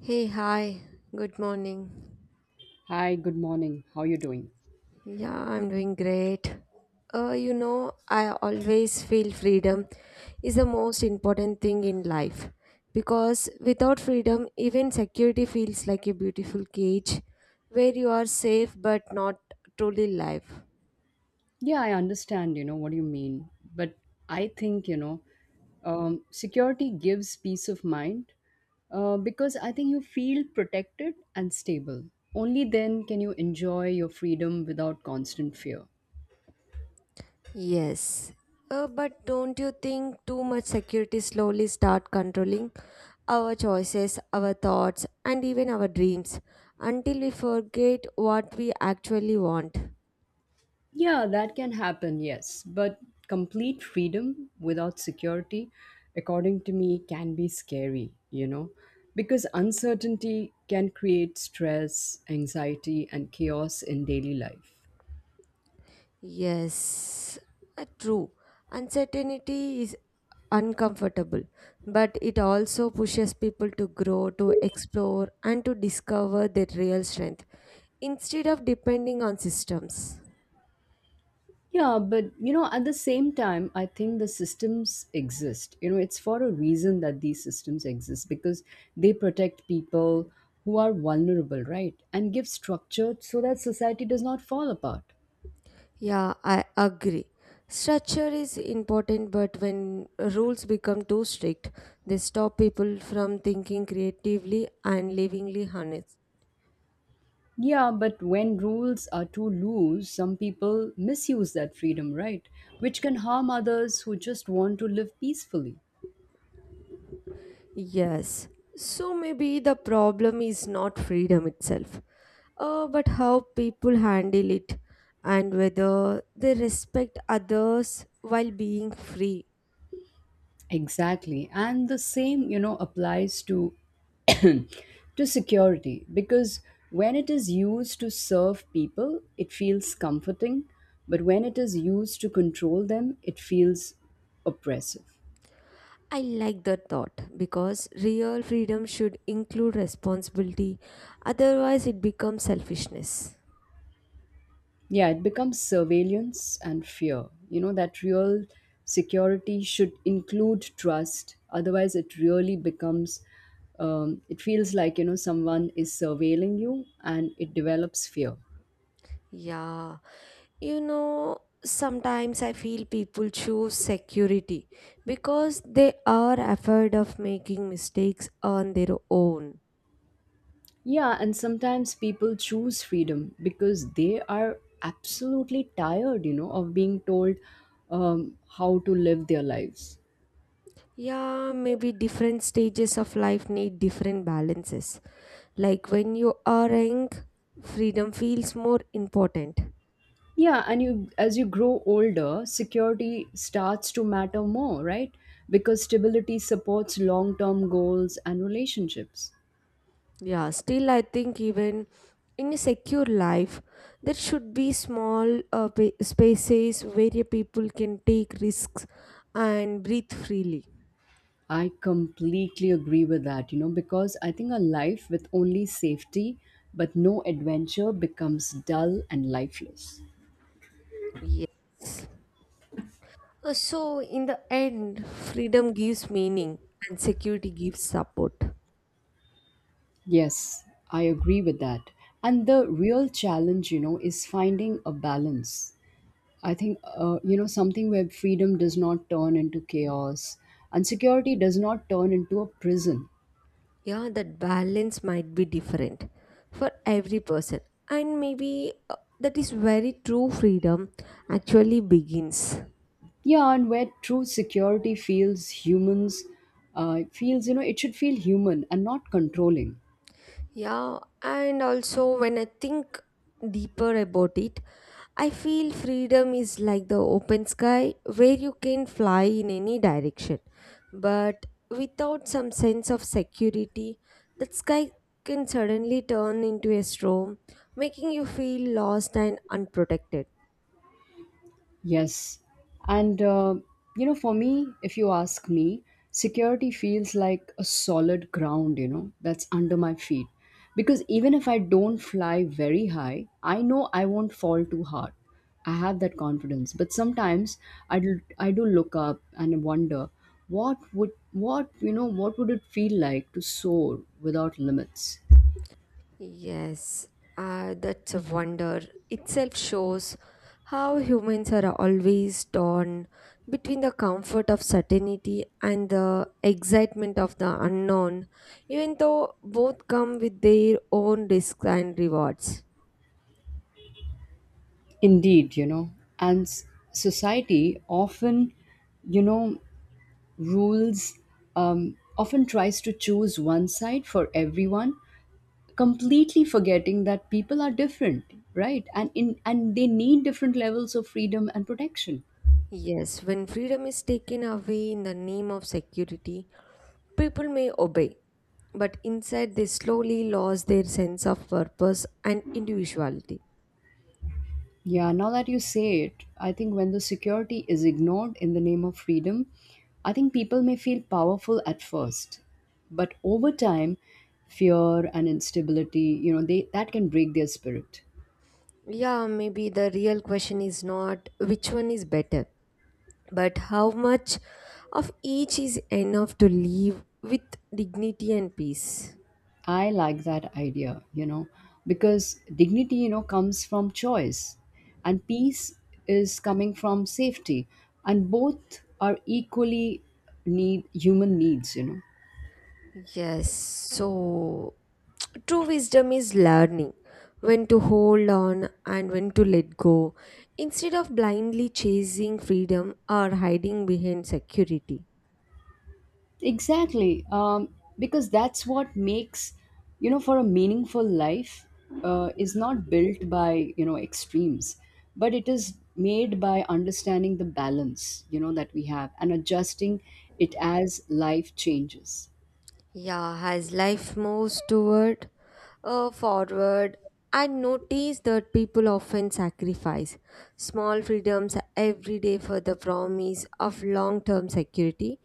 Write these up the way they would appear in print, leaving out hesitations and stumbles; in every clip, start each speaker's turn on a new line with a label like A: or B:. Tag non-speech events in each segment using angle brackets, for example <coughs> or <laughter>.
A: Hey, hi. Good morning.
B: Hi, good morning. How you doing?
A: Yeah, I'm doing great. You know, I always feel freedom is the most important thing in life because without freedom, even security feels like a beautiful cage where you are safe but not truly alive.
B: Yeah, I understand, you know, what you mean. But I think, you know, security gives peace of mind because I think you feel protected and stable. Only then can you enjoy your freedom without constant fear.
A: Yes. But don't you think too much security slowly start controlling our choices, our thoughts, and even our dreams until we forget what we actually want?
B: Yeah, that can happen, yes. But complete freedom without security, according to me, can be scary, you know, because uncertainty can create stress, anxiety, and chaos in daily life.
A: Yes, true. Uncertainty is uncomfortable, but it also pushes people to grow, to explore, and to discover their real strength instead of depending on systems.
B: Yeah, but you know, at the same time, I think the systems exist. You know, it's for a reason that these systems exist because they protect people who are vulnerable, right? And give structure so that society does not fall apart.
A: Yeah, I agree. Structure is important, but when rules become too strict, they stop people from thinking creatively and livingly honest.
B: Yeah, but when rules are too loose, some people misuse that freedom, right? Which can harm others who just want to live peacefully.
A: Yes. So maybe the problem is not freedom itself, but how people handle it and whether they respect others while being free.
B: Exactly. And the same, you know, applies to <coughs> <clears throat> to security because when it is used to serve people, it feels comforting, but when it is used to control them, it feels oppressive.
A: I like that thought because real freedom should include responsibility, otherwise, it becomes selfishness.
B: Yeah, it becomes surveillance and fear. You know, that real security should include trust. Otherwise, it really becomes, it feels like, you know, someone is surveilling you and it develops fear.
A: Yeah, you know, sometimes I feel people choose security because they are afraid of making mistakes on their own.
B: Yeah, and sometimes people choose freedom because they are absolutely tired, you know, of being told how to live their lives.
A: Yeah, maybe different stages of life need different balances. Like when you are young, freedom feels more important.
B: Yeah, and you as you grow older, security starts to matter more, right? Because stability supports long-term goals and relationships.
A: Yeah, still, I think even in a secure life, there should be small spaces where your people can take risks and breathe freely.
B: I completely agree with that, you know, because I think a life with only safety but no adventure becomes dull and lifeless.
A: Yes. So, in the end, freedom gives meaning and security gives support.
B: Yes, I agree with that. And the real challenge, you know, is finding a balance I think, you know, something where freedom does not turn into chaos and security does not turn into a prison.
A: Yeah, that balance might be different for every person. And maybe that is very true freedom actually begins.
B: Yeah, and where true security feels humans, feels, you know, it should feel human and not controlling.
A: Yeah, and also when I think deeper about it, I feel freedom is like the open sky where you can fly in any direction. But without some sense of security, that sky can suddenly turn into a storm, making you feel lost and unprotected.
B: Yes. And, you know, for me, if you ask me, security feels like a solid ground, you know, that's under my feet. Because even if I don't fly very high, I know I won't fall too hard. I have that confidence. But sometimes I do look up and wonder you know, what would it feel like to soar without limits?
A: Yes, that's a wonder. Itself shows how humans are always torn between the comfort of certainty and the excitement of the unknown, even though both come with their own risks and rewards.
B: Indeed, you know, and society often, you know, rules often tries to choose one side for everyone completely forgetting that people are different right and they need different levels of freedom and protection.
A: Yes, when freedom is taken away in the name of security, people may obey, but inside they slowly lose their sense of purpose and individuality.
B: Yeah, now that you say it, I think when the security is ignored in the name of freedom, I think people may feel powerful at first, but over time fear and instability, you know, they that can break their spirit.
A: Yeah, maybe the real question is not which one is better, but how much of each is enough to live with dignity and peace.
B: I like that idea, you know, because dignity, you know, comes from choice and peace is coming from safety, and both are equally need human needs, you know.
A: Yes, so <tsk> true wisdom is learning when to hold on and when to let go instead of blindly chasing freedom or hiding behind security.
B: Exactly. Because that's what makes, you know, for a meaningful life is not built by, you know, extremes, but it is made by understanding the balance, you know, that we have and adjusting it as life changes.
A: Yeah, as life moves toward forward, I notice that people often sacrifice small freedoms every day for the promise of long term security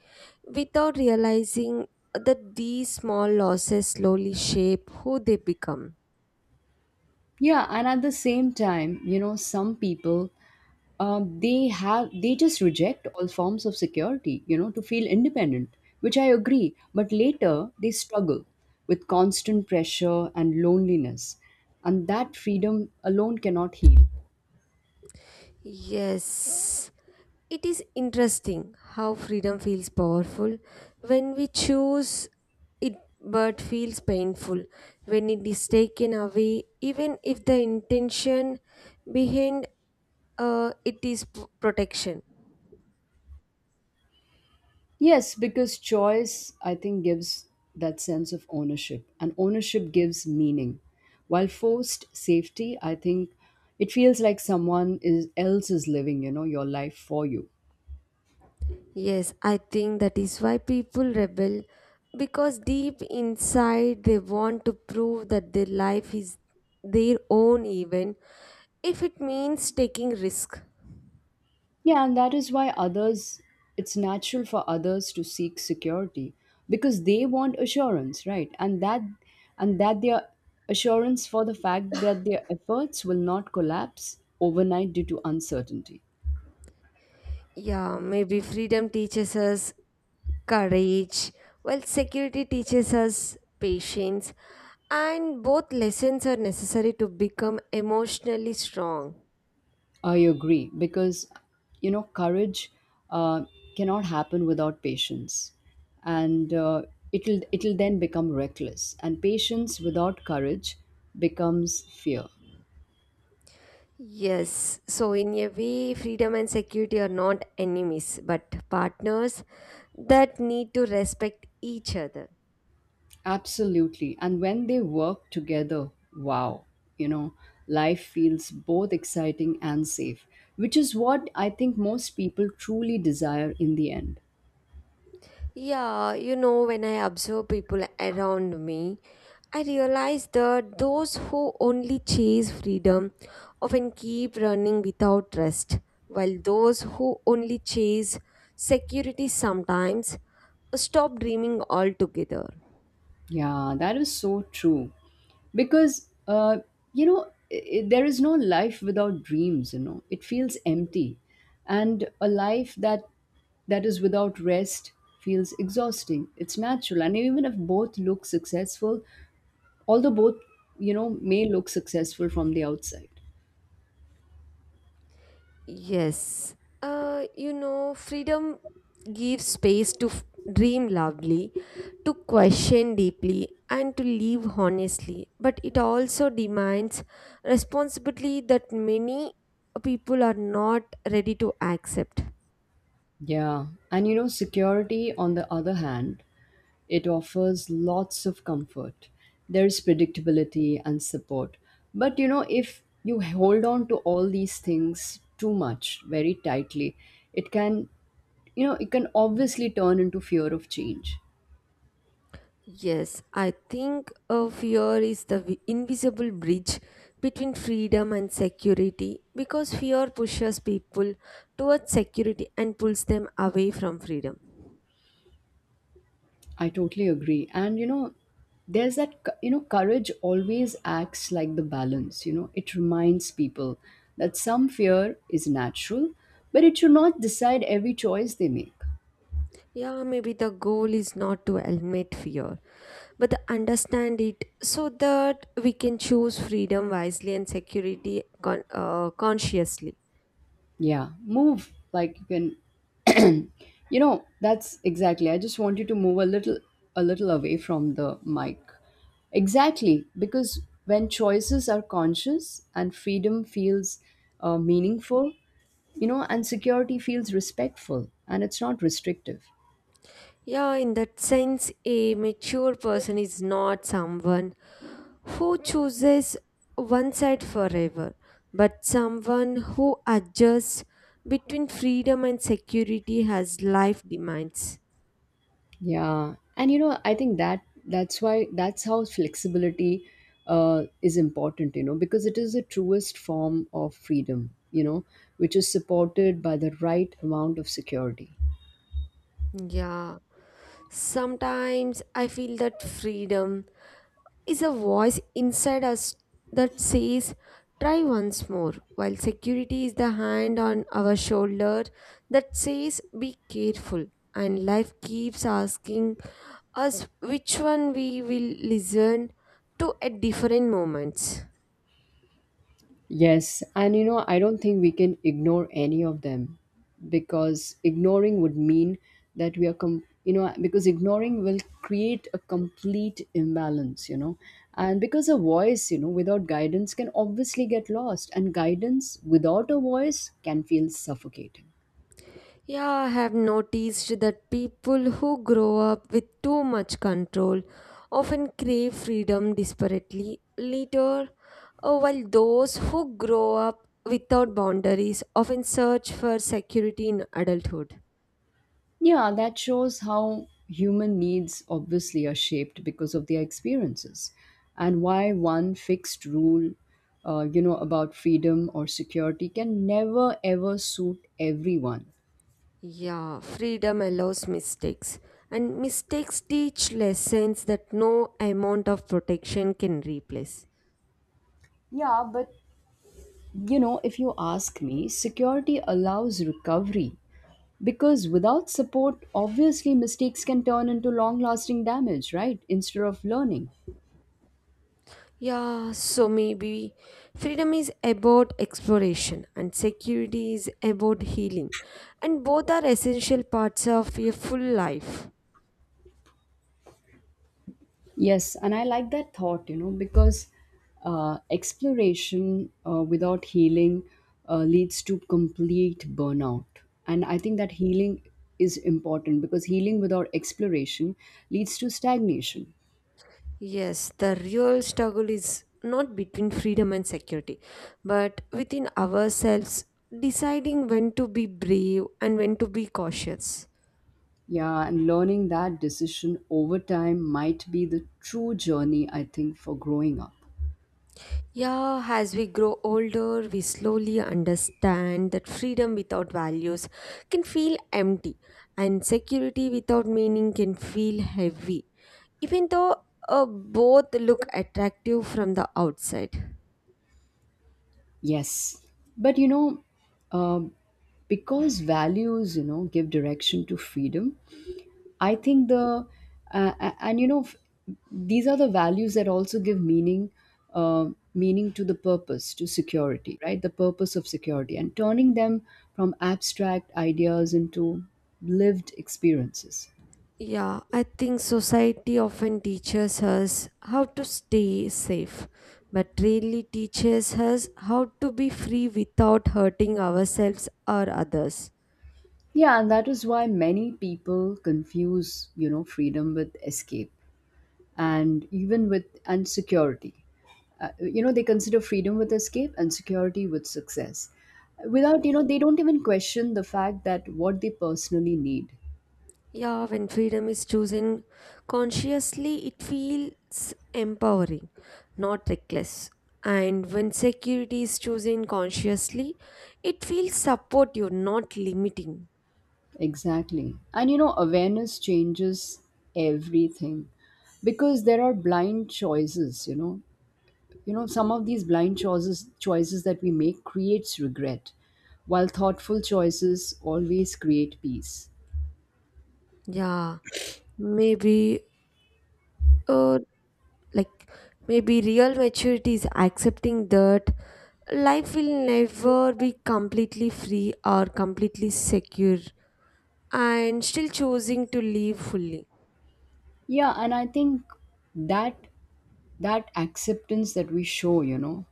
A: without realizing that these small losses slowly shape who they become.
B: Yeah, and at the same time, you know, some people they just reject all forms of security, you know, to feel independent, which I agree. But later they struggle with constant pressure and loneliness, and that freedom alone cannot heal.
A: Yes. It is interesting how freedom feels powerful when we choose it, but feels painful when it is taken away, even if the intention behind it is protection.
B: Yes, because choice, I think, gives that sense of ownership, and ownership gives meaning. While forced safety, I think it feels like someone is, else is living, you know, your life for you.
A: Yes, I think that is why people rebel because deep inside they want to prove that their life is their own, even if it means taking risk.
B: Yeah, and that is why others, it's natural for others to seek security because they want assurance, right? And that their assurance for the fact that their efforts will not collapse overnight due to uncertainty.
A: Yeah, maybe freedom teaches us courage, while security teaches us patience, and both lessons are necessary to become emotionally strong.
B: I agree because, you know, courage uh, cannot happen without patience, and it'll then become reckless, and patience without courage becomes fear.
A: Yes, so in a way, freedom and security are not enemies but partners that need to respect each other.
B: Absolutely. And when they work together, wow, you know, life feels both exciting and safe, which is what I think most people truly desire in the end.
A: Yeah, you know, when I observe people around me, I realize that those who only chase freedom often keep running without rest, while those who only chase security sometimes stop dreaming altogether.
B: Yeah, that is so true. Because, you know, there is no life without dreams, you know, it feels empty. And a life that is without rest feels exhausting. It's natural. And even if both look successful, although both, you know, may look successful from the outside.
A: Yes. You know, freedom gives space to dream loudly, to question deeply, and to live honestly. But it also demands responsibility that many people are not ready to accept.
B: Yeah, and you know, security on the other hand, it offers lots of comfort. There's predictability and support, but you know, if you hold on to all these things too much very tightly, it can, you know, it can obviously turn into fear of change.
A: Yes, I think fear is the invisible bridge between freedom and security because fear pushes people towards security and pulls them away from freedom.
B: I totally agree. And you know, there's that, you know, courage always acts like the balance. You know, it reminds people that some fear is natural, but it should not decide every choice they make.
A: Yeah, maybe the goal is not to eliminate fear, but to understand it so that we can choose freedom wisely and security consciously.
B: Yeah, move like you can. You know, that's exactly. I just want you to move a little away from the mic. Exactly, because when choices are conscious and freedom feels meaningful, you know, and security feels respectful and it's not restrictive.
A: Yeah, in that sense, a mature person is not someone who chooses one side forever, but someone who adjusts between freedom and security as life demands.
B: Yeah, and you know, I think that that's why that's how flexibility is important. You know, because it is the truest form of freedom. You know, which is supported by the right amount of security.
A: Yeah, sometimes I feel that freedom is a voice inside us that says, try once more, while security is the hand on our shoulder that says, be careful. And life keeps asking us which one we will listen to at different moments.
B: Yes, and you know, I don't think we can ignore any of them because ignoring would mean that we are, you know, because ignoring will create a complete imbalance, you know, and because a voice, you know, without guidance can obviously get lost, and guidance without a voice can feel suffocating.
A: Yeah, I have noticed that people who grow up with too much control often crave freedom desperately later, while those who grow up without boundaries often search for security in adulthood.
B: Yeah, that shows how human needs obviously are shaped because of their experiences and why one fixed rule, you know, about freedom or security can never ever suit everyone.
A: Yeah, freedom allows mistakes, and mistakes teach lessons that no amount of protection can replace.
B: Yeah, but you know, if you ask me, security allows recovery because without support, obviously mistakes can turn into long lasting damage, right? Instead of learning.
A: Yeah, so maybe freedom is about exploration and security is about healing, and both are essential parts of a full life.
B: Yes, and I like that thought, you know, because exploration without healing leads to complete burnout. And I think that healing is important because healing without exploration leads to stagnation.
A: Yes, the real struggle is not between freedom and security, but within ourselves, deciding when to be brave and when to be cautious.
B: Yeah, and learning that decision over time might be the true journey, I think, for growing up.
A: Yeah, as we grow older, we slowly understand that freedom without values can feel empty, and security without meaning can feel heavy, even though both look attractive from the outside.
B: Yes. But, you know, um because values, you know, give direction to freedom, I think the a- and you know these are the values that also give meaning, meaning to the purpose to security, right, the purpose of security, and turning them from abstract ideas into lived experiences.
A: Yeah, I think society often teaches us how to stay safe, but really teaches us how to be free without hurting ourselves or others.
B: Yeah, and that is why many people confuse, you know, freedom with escape and even with and security. You know, they consider freedom with escape and security with success. Without, you know, they don't even question the fact that what they personally need.
A: Yeah, when freedom is chosen consciously, it feels empowering, not reckless. And when security is chosen consciously, it feels supportive, not limiting.
B: Exactly. And, you know, awareness changes everything because there are blind choices, you know. You know, some of these blind choices choices that we make creates regret, while thoughtful choices always create peace.
A: Yeah, maybe, uh, like, maybe real maturity is accepting that life will never be completely free or completely secure and still choosing to live fully.
B: Yeah, and I think that that acceptance that we show, you know,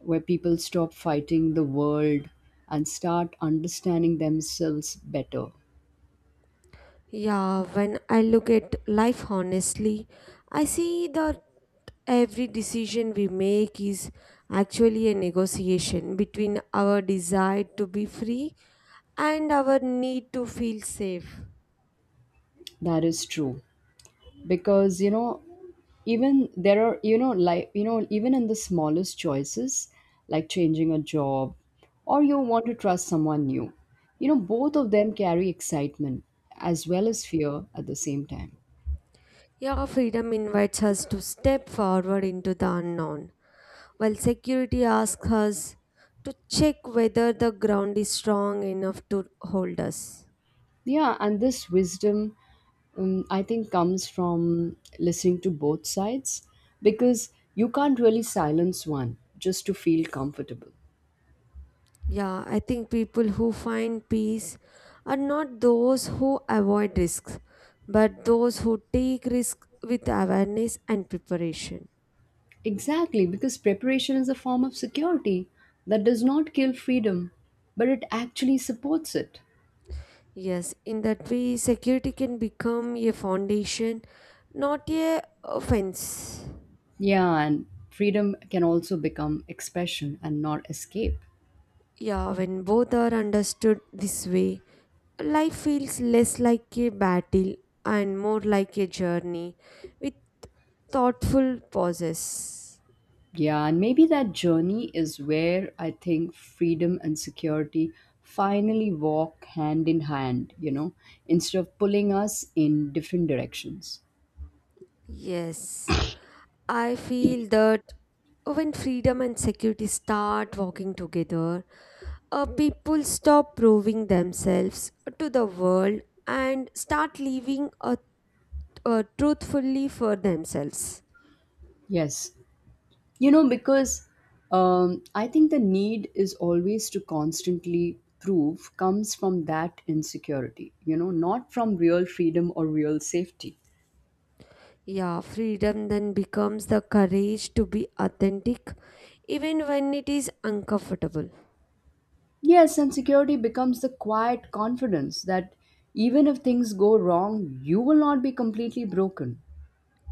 B: where people stop fighting the world and start understanding themselves better.
A: Yeah, when I look at life honestly, I see that every decision we make is actually a negotiation between our desire to be free and our need to feel safe.
B: That is true. Because, you know, even there are, you know, like, you know, even in the smallest choices, like changing a job or you want to trust someone new, you know, both of them carry excitement as well as fear at the same time.
A: Yeah, freedom invites us to step forward into the unknown, while security asks us to check whether the ground is strong enough to hold us.
B: Yeah, and this wisdom, I think comes from listening to both sides because you can't really silence one just to feel comfortable.
A: Yeah, I think people who find peace are not those who avoid risks, but those who take risks with awareness and preparation.
B: Exactly, because preparation is a form of security that does not kill freedom, but it actually supports it.
A: Yes, in that way, security can become a foundation, not a fence.
B: Yeah, and freedom can also become expression and not escape.
A: Yeah, when both are understood this way, life feels less like a battle and more like a journey with thoughtful pauses.
B: Yeah, and maybe that journey is where I think freedom and security finally walk hand in hand, you know, instead of pulling us in different directions.
A: Yes. I feel that when freedom and security start walking together, people stop proving themselves to the world and start living truthfully for themselves.
B: Yes. You know, because I think the need is always to constantly prove comes from that insecurity, you know, not from real freedom or real safety.
A: Yeah, freedom then becomes the courage to be authentic even when it is uncomfortable.
B: Yes, and security becomes the quiet confidence that even if things go wrong, you will not be completely broken.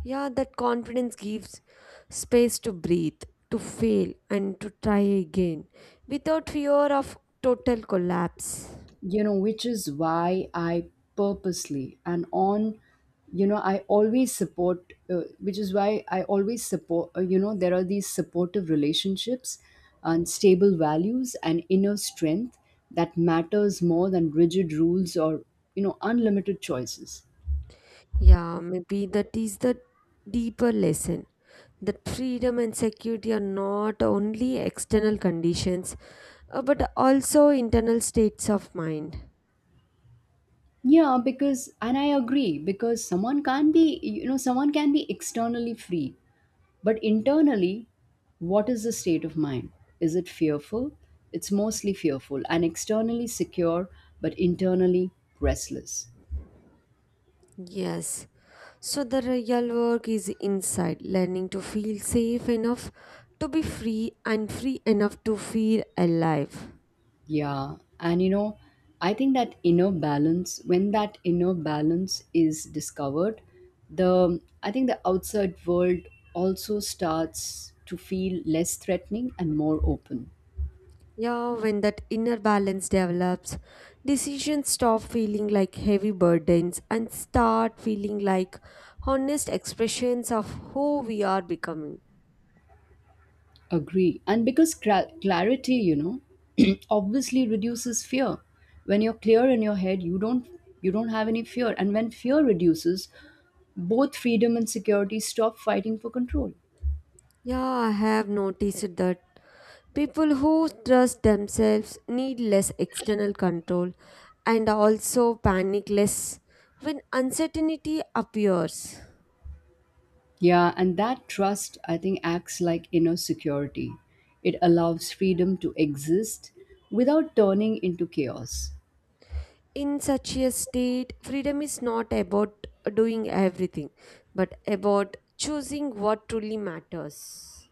A: Yeah, that confidence gives space to breathe, to fail, and to try again without fear of total collapse.
B: You know, which is why I purposely and on you know, I always support, you know, there are these supportive relationships and stable values and inner strength that matters more than rigid rules or, you know, unlimited choices.
A: Yeah, maybe that is the deeper lesson that freedom and security are not only external conditions but also internal states of mind.
B: Yeah, because and I agree because someone can be, you know, someone can be externally free. But internally, what is the state of mind? Is it fearful? It's mostly fearful and externally secure, but internally restless.
A: Yes. So the real work is inside, learning to feel safe enough to be free and free enough to feel alive.
B: Yeah. And you know, I think that inner balance, when that inner balance is discovered, the I think the outside world also starts to feel less threatening and more open.
A: Yeah, when that inner balance develops, decisions stop feeling like heavy burdens and start feeling like honest expressions of who we are becoming.
B: Agree. And because clarity, you know, <clears throat> obviously reduces fear. When you're clear in your head, you don't have any fear. And when fear reduces, both freedom and security stop fighting for control.
A: Yeah, I have noticed that people who trust themselves need less external control and also panic less when uncertainty appears.
B: Yeah, and that trust, I think, acts like inner security. It allows freedom to exist without turning into chaos.
A: In such a state, freedom is not about doing everything, but about choosing what truly matters.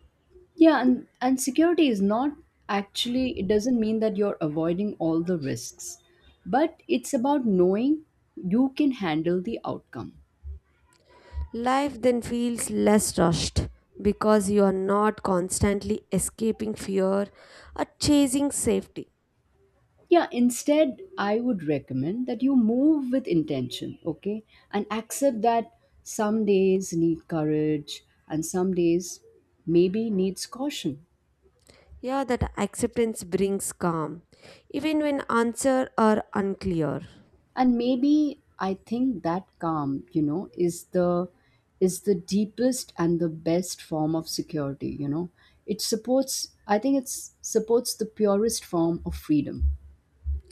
B: Yeah, and security is not actually, it doesn't mean that you're avoiding all the risks, but it's about knowing you can handle the outcome.
A: Life then feels less rushed because you are not constantly escaping fear or chasing safety.
B: Yeah, instead, I would recommend that you move with intention, okay? And accept that some days need courage and some days maybe needs caution.
A: Yeah, that acceptance brings calm, even when answers are unclear.
B: And maybe I think that calm, you know, is the deepest and the best form of security, you know. It supports, I think it supports the purest form of freedom.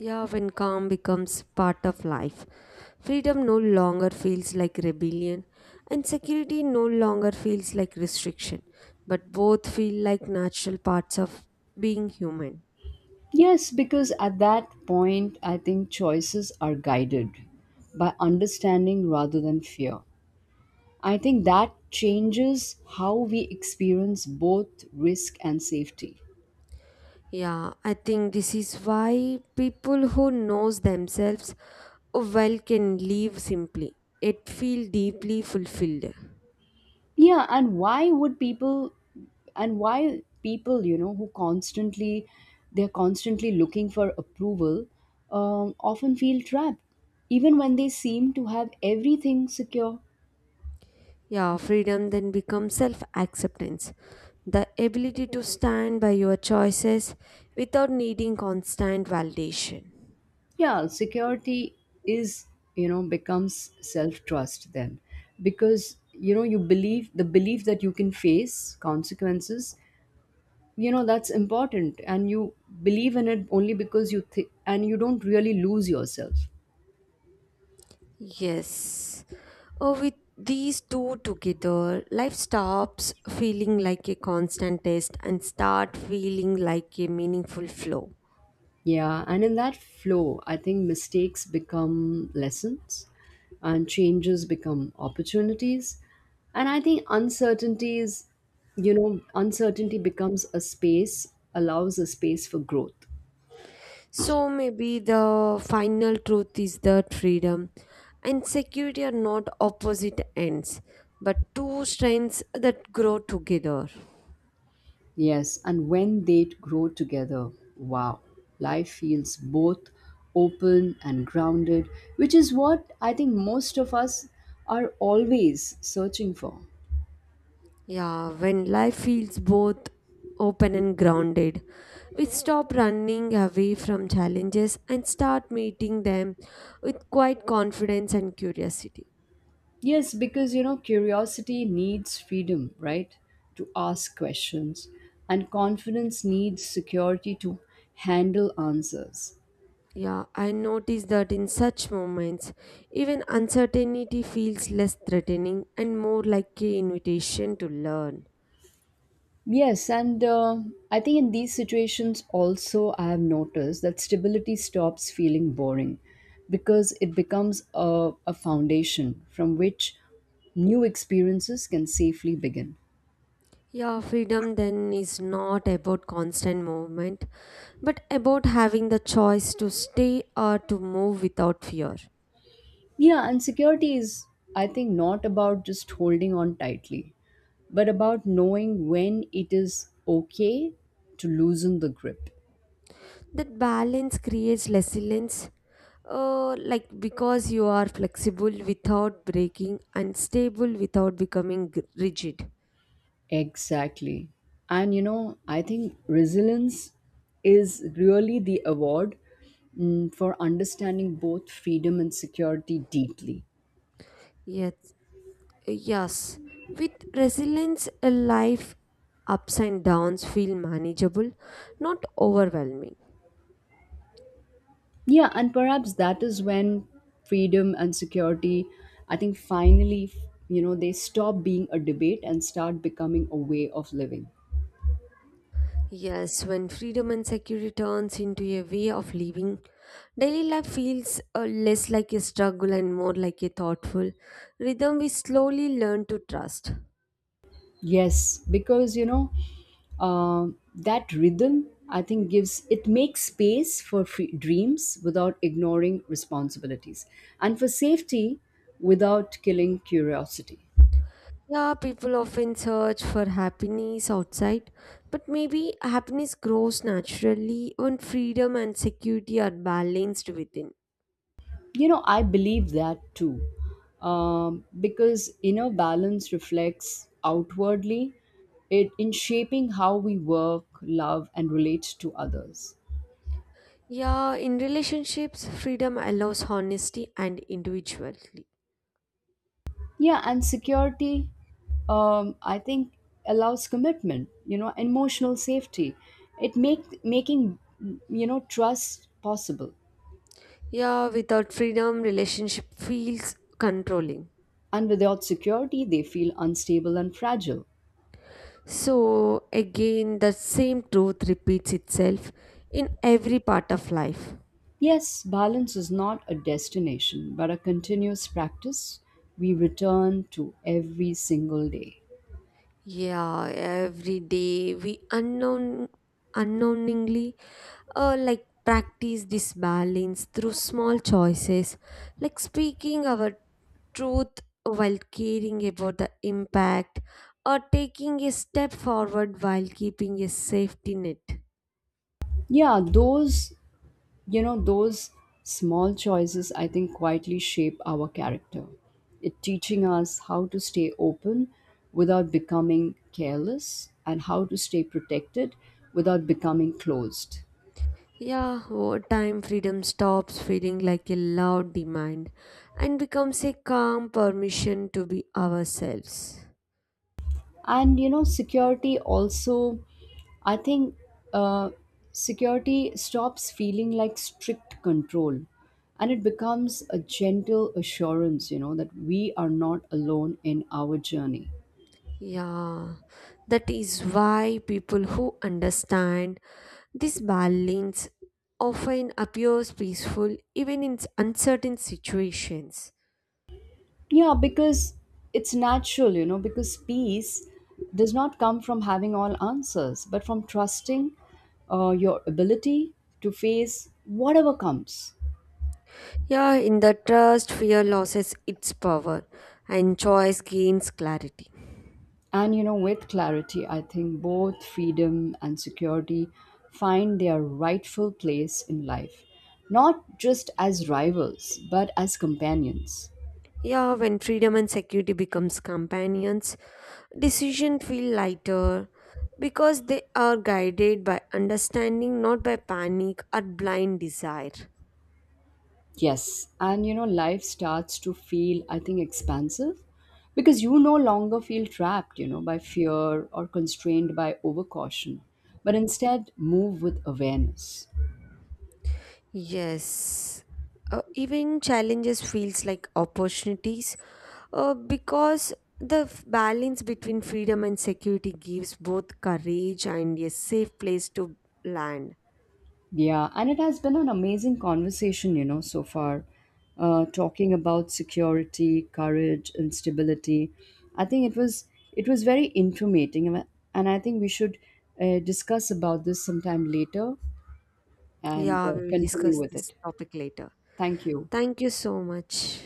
A: Yeah, when calm becomes part of life, freedom no longer feels like rebellion, and security no longer feels like restriction, but both feel like natural parts of being human.
B: Yes, because at that point I think choices are guided by understanding rather than fear. I think that changes how we experience both risk and safety.
A: Yeah, I think this is why people who knows themselves well can live simply, yet feel deeply fulfilled.
B: Yeah, and why people, you know, who constantly, they're constantly looking for approval, often feel trapped even when they seem to have everything secure.
A: Yeah, freedom then becomes self acceptance. The ability to stand by your choices without needing constant validation.
B: Yeah, security is, you know, becomes self trust then, because you know, you believe the belief that you can face consequences, you know, that's important. And you believe in it only because you think and you don't really lose yourself.
A: Yes. Oh, with these two together, life stops feeling like a constant test and start feeling like a meaningful flow.
B: Yeah, and in that flow, I think mistakes become lessons and changes become opportunities. And I think uncertainty becomes a space, allows a space for growth.
A: So maybe the final truth is that freedom and security are not opposite ends, but two strengths that grow together.
B: Yes, and when they grow together, wow, life feels both open and grounded, which is what I think most of us are always searching for.
A: Yeah, when life feels both open and grounded, we stop running away from challenges and start meeting them with quiet confidence and curiosity.
B: Yes, because you know, curiosity needs freedom, right? To ask questions. And confidence needs security to handle answers.
A: Yeah, I notice that in such moments, even uncertainty feels less threatening and more like an invitation to learn.
B: Yes, and I think in these situations also, I have noticed that stability stops feeling boring because it becomes a foundation from which new experiences can safely begin.
A: Yeah, freedom then is not about constant movement, but about having the choice to stay or to move without fear.
B: Yeah, and security is, I think, not about just holding on tightly, but about knowing when it is okay to loosen the grip.
A: That balance creates resilience, because you are flexible without breaking and stable without becoming rigid.
B: Exactly. And you know, I think resilience is really the award, for understanding both freedom and security deeply.
A: Yes, yes. With resilience, a life ups and downs feel manageable, not overwhelming.
B: Yeah, and perhaps that is when freedom and security, I think, finally, you know, they stop being a debate and start becoming a way of living.
A: Yes, when freedom and security turns into a way of living, daily life feels less like a struggle and more like a thoughtful rhythm we slowly learn to trust.
B: Yes, because you know uh, that rhythm, I think, gives it makes space for free dreams without ignoring responsibilities, and for safety without killing curiosity.
A: Yeah, people often search for happiness outside, but maybe happiness grows naturally when freedom and security are balanced within.
B: You know, I believe that too, because inner balance reflects outwardly, it in shaping how we work, love, and relate to others.
A: Yeah, in relationships, freedom allows honesty and individuality.
B: Yeah, and security, I think, allows commitment. You know, emotional safety. It make making you know trust possible.
A: Yeah, without freedom, relationship feels controlling.
B: And without security, they feel unstable and fragile.
A: So, again, the same truth repeats itself in every part of life.
B: Yes, balance is not a destination, but a continuous practice we return to every single day.
A: Yeah, every day we unknown unknowingly practice this balance through small choices, like speaking our truth while caring about the impact or taking a step forward while keeping a safety net.
B: Yeah, those you know those small choices, I think, quietly shape our character. It teaching us how to stay open without becoming careless and how to stay protected without becoming closed.
A: Yeah, over time freedom stops feeling like a loud demand and becomes a calm permission to be ourselves.
B: And you know security also, I think, uh, security stops feeling like strict control, and it becomes a gentle assurance, you know, that we are not alone in our journey.
A: Yeah, that is why people who understand this balance often appears peaceful even in uncertain situations.
B: Yeah, because it's natural, you know, because peace does not come from having all answers, but from trusting, your ability to face whatever comes.
A: Yeah, in the trust, fear loses its power and choice gains clarity.
B: And, you know, with clarity, I think both freedom and security find their rightful place in life, not just as rivals, but as companions.
A: Yeah, when freedom and security becomes companions, decisions feel lighter because they are guided by understanding, not by panic or blind desire.
B: Yes, and you know, life starts to feel, I think, expansive because you no longer feel trapped, you know, by fear or constrained by overcaution, but instead move with awareness.
A: Yes. Even challenges feels like opportunities because the balance between freedom and security gives both courage and a safe place to land.
B: Yeah, and it has been an amazing conversation, you know, so far, talking about security, courage, and stability. I think it was very informative, and I think we should discuss about this sometime later and
A: Yeah, we will
B: continue
A: discuss
B: with
A: this
B: it.
A: topic later.
B: Thank you.
A: Thank you so much.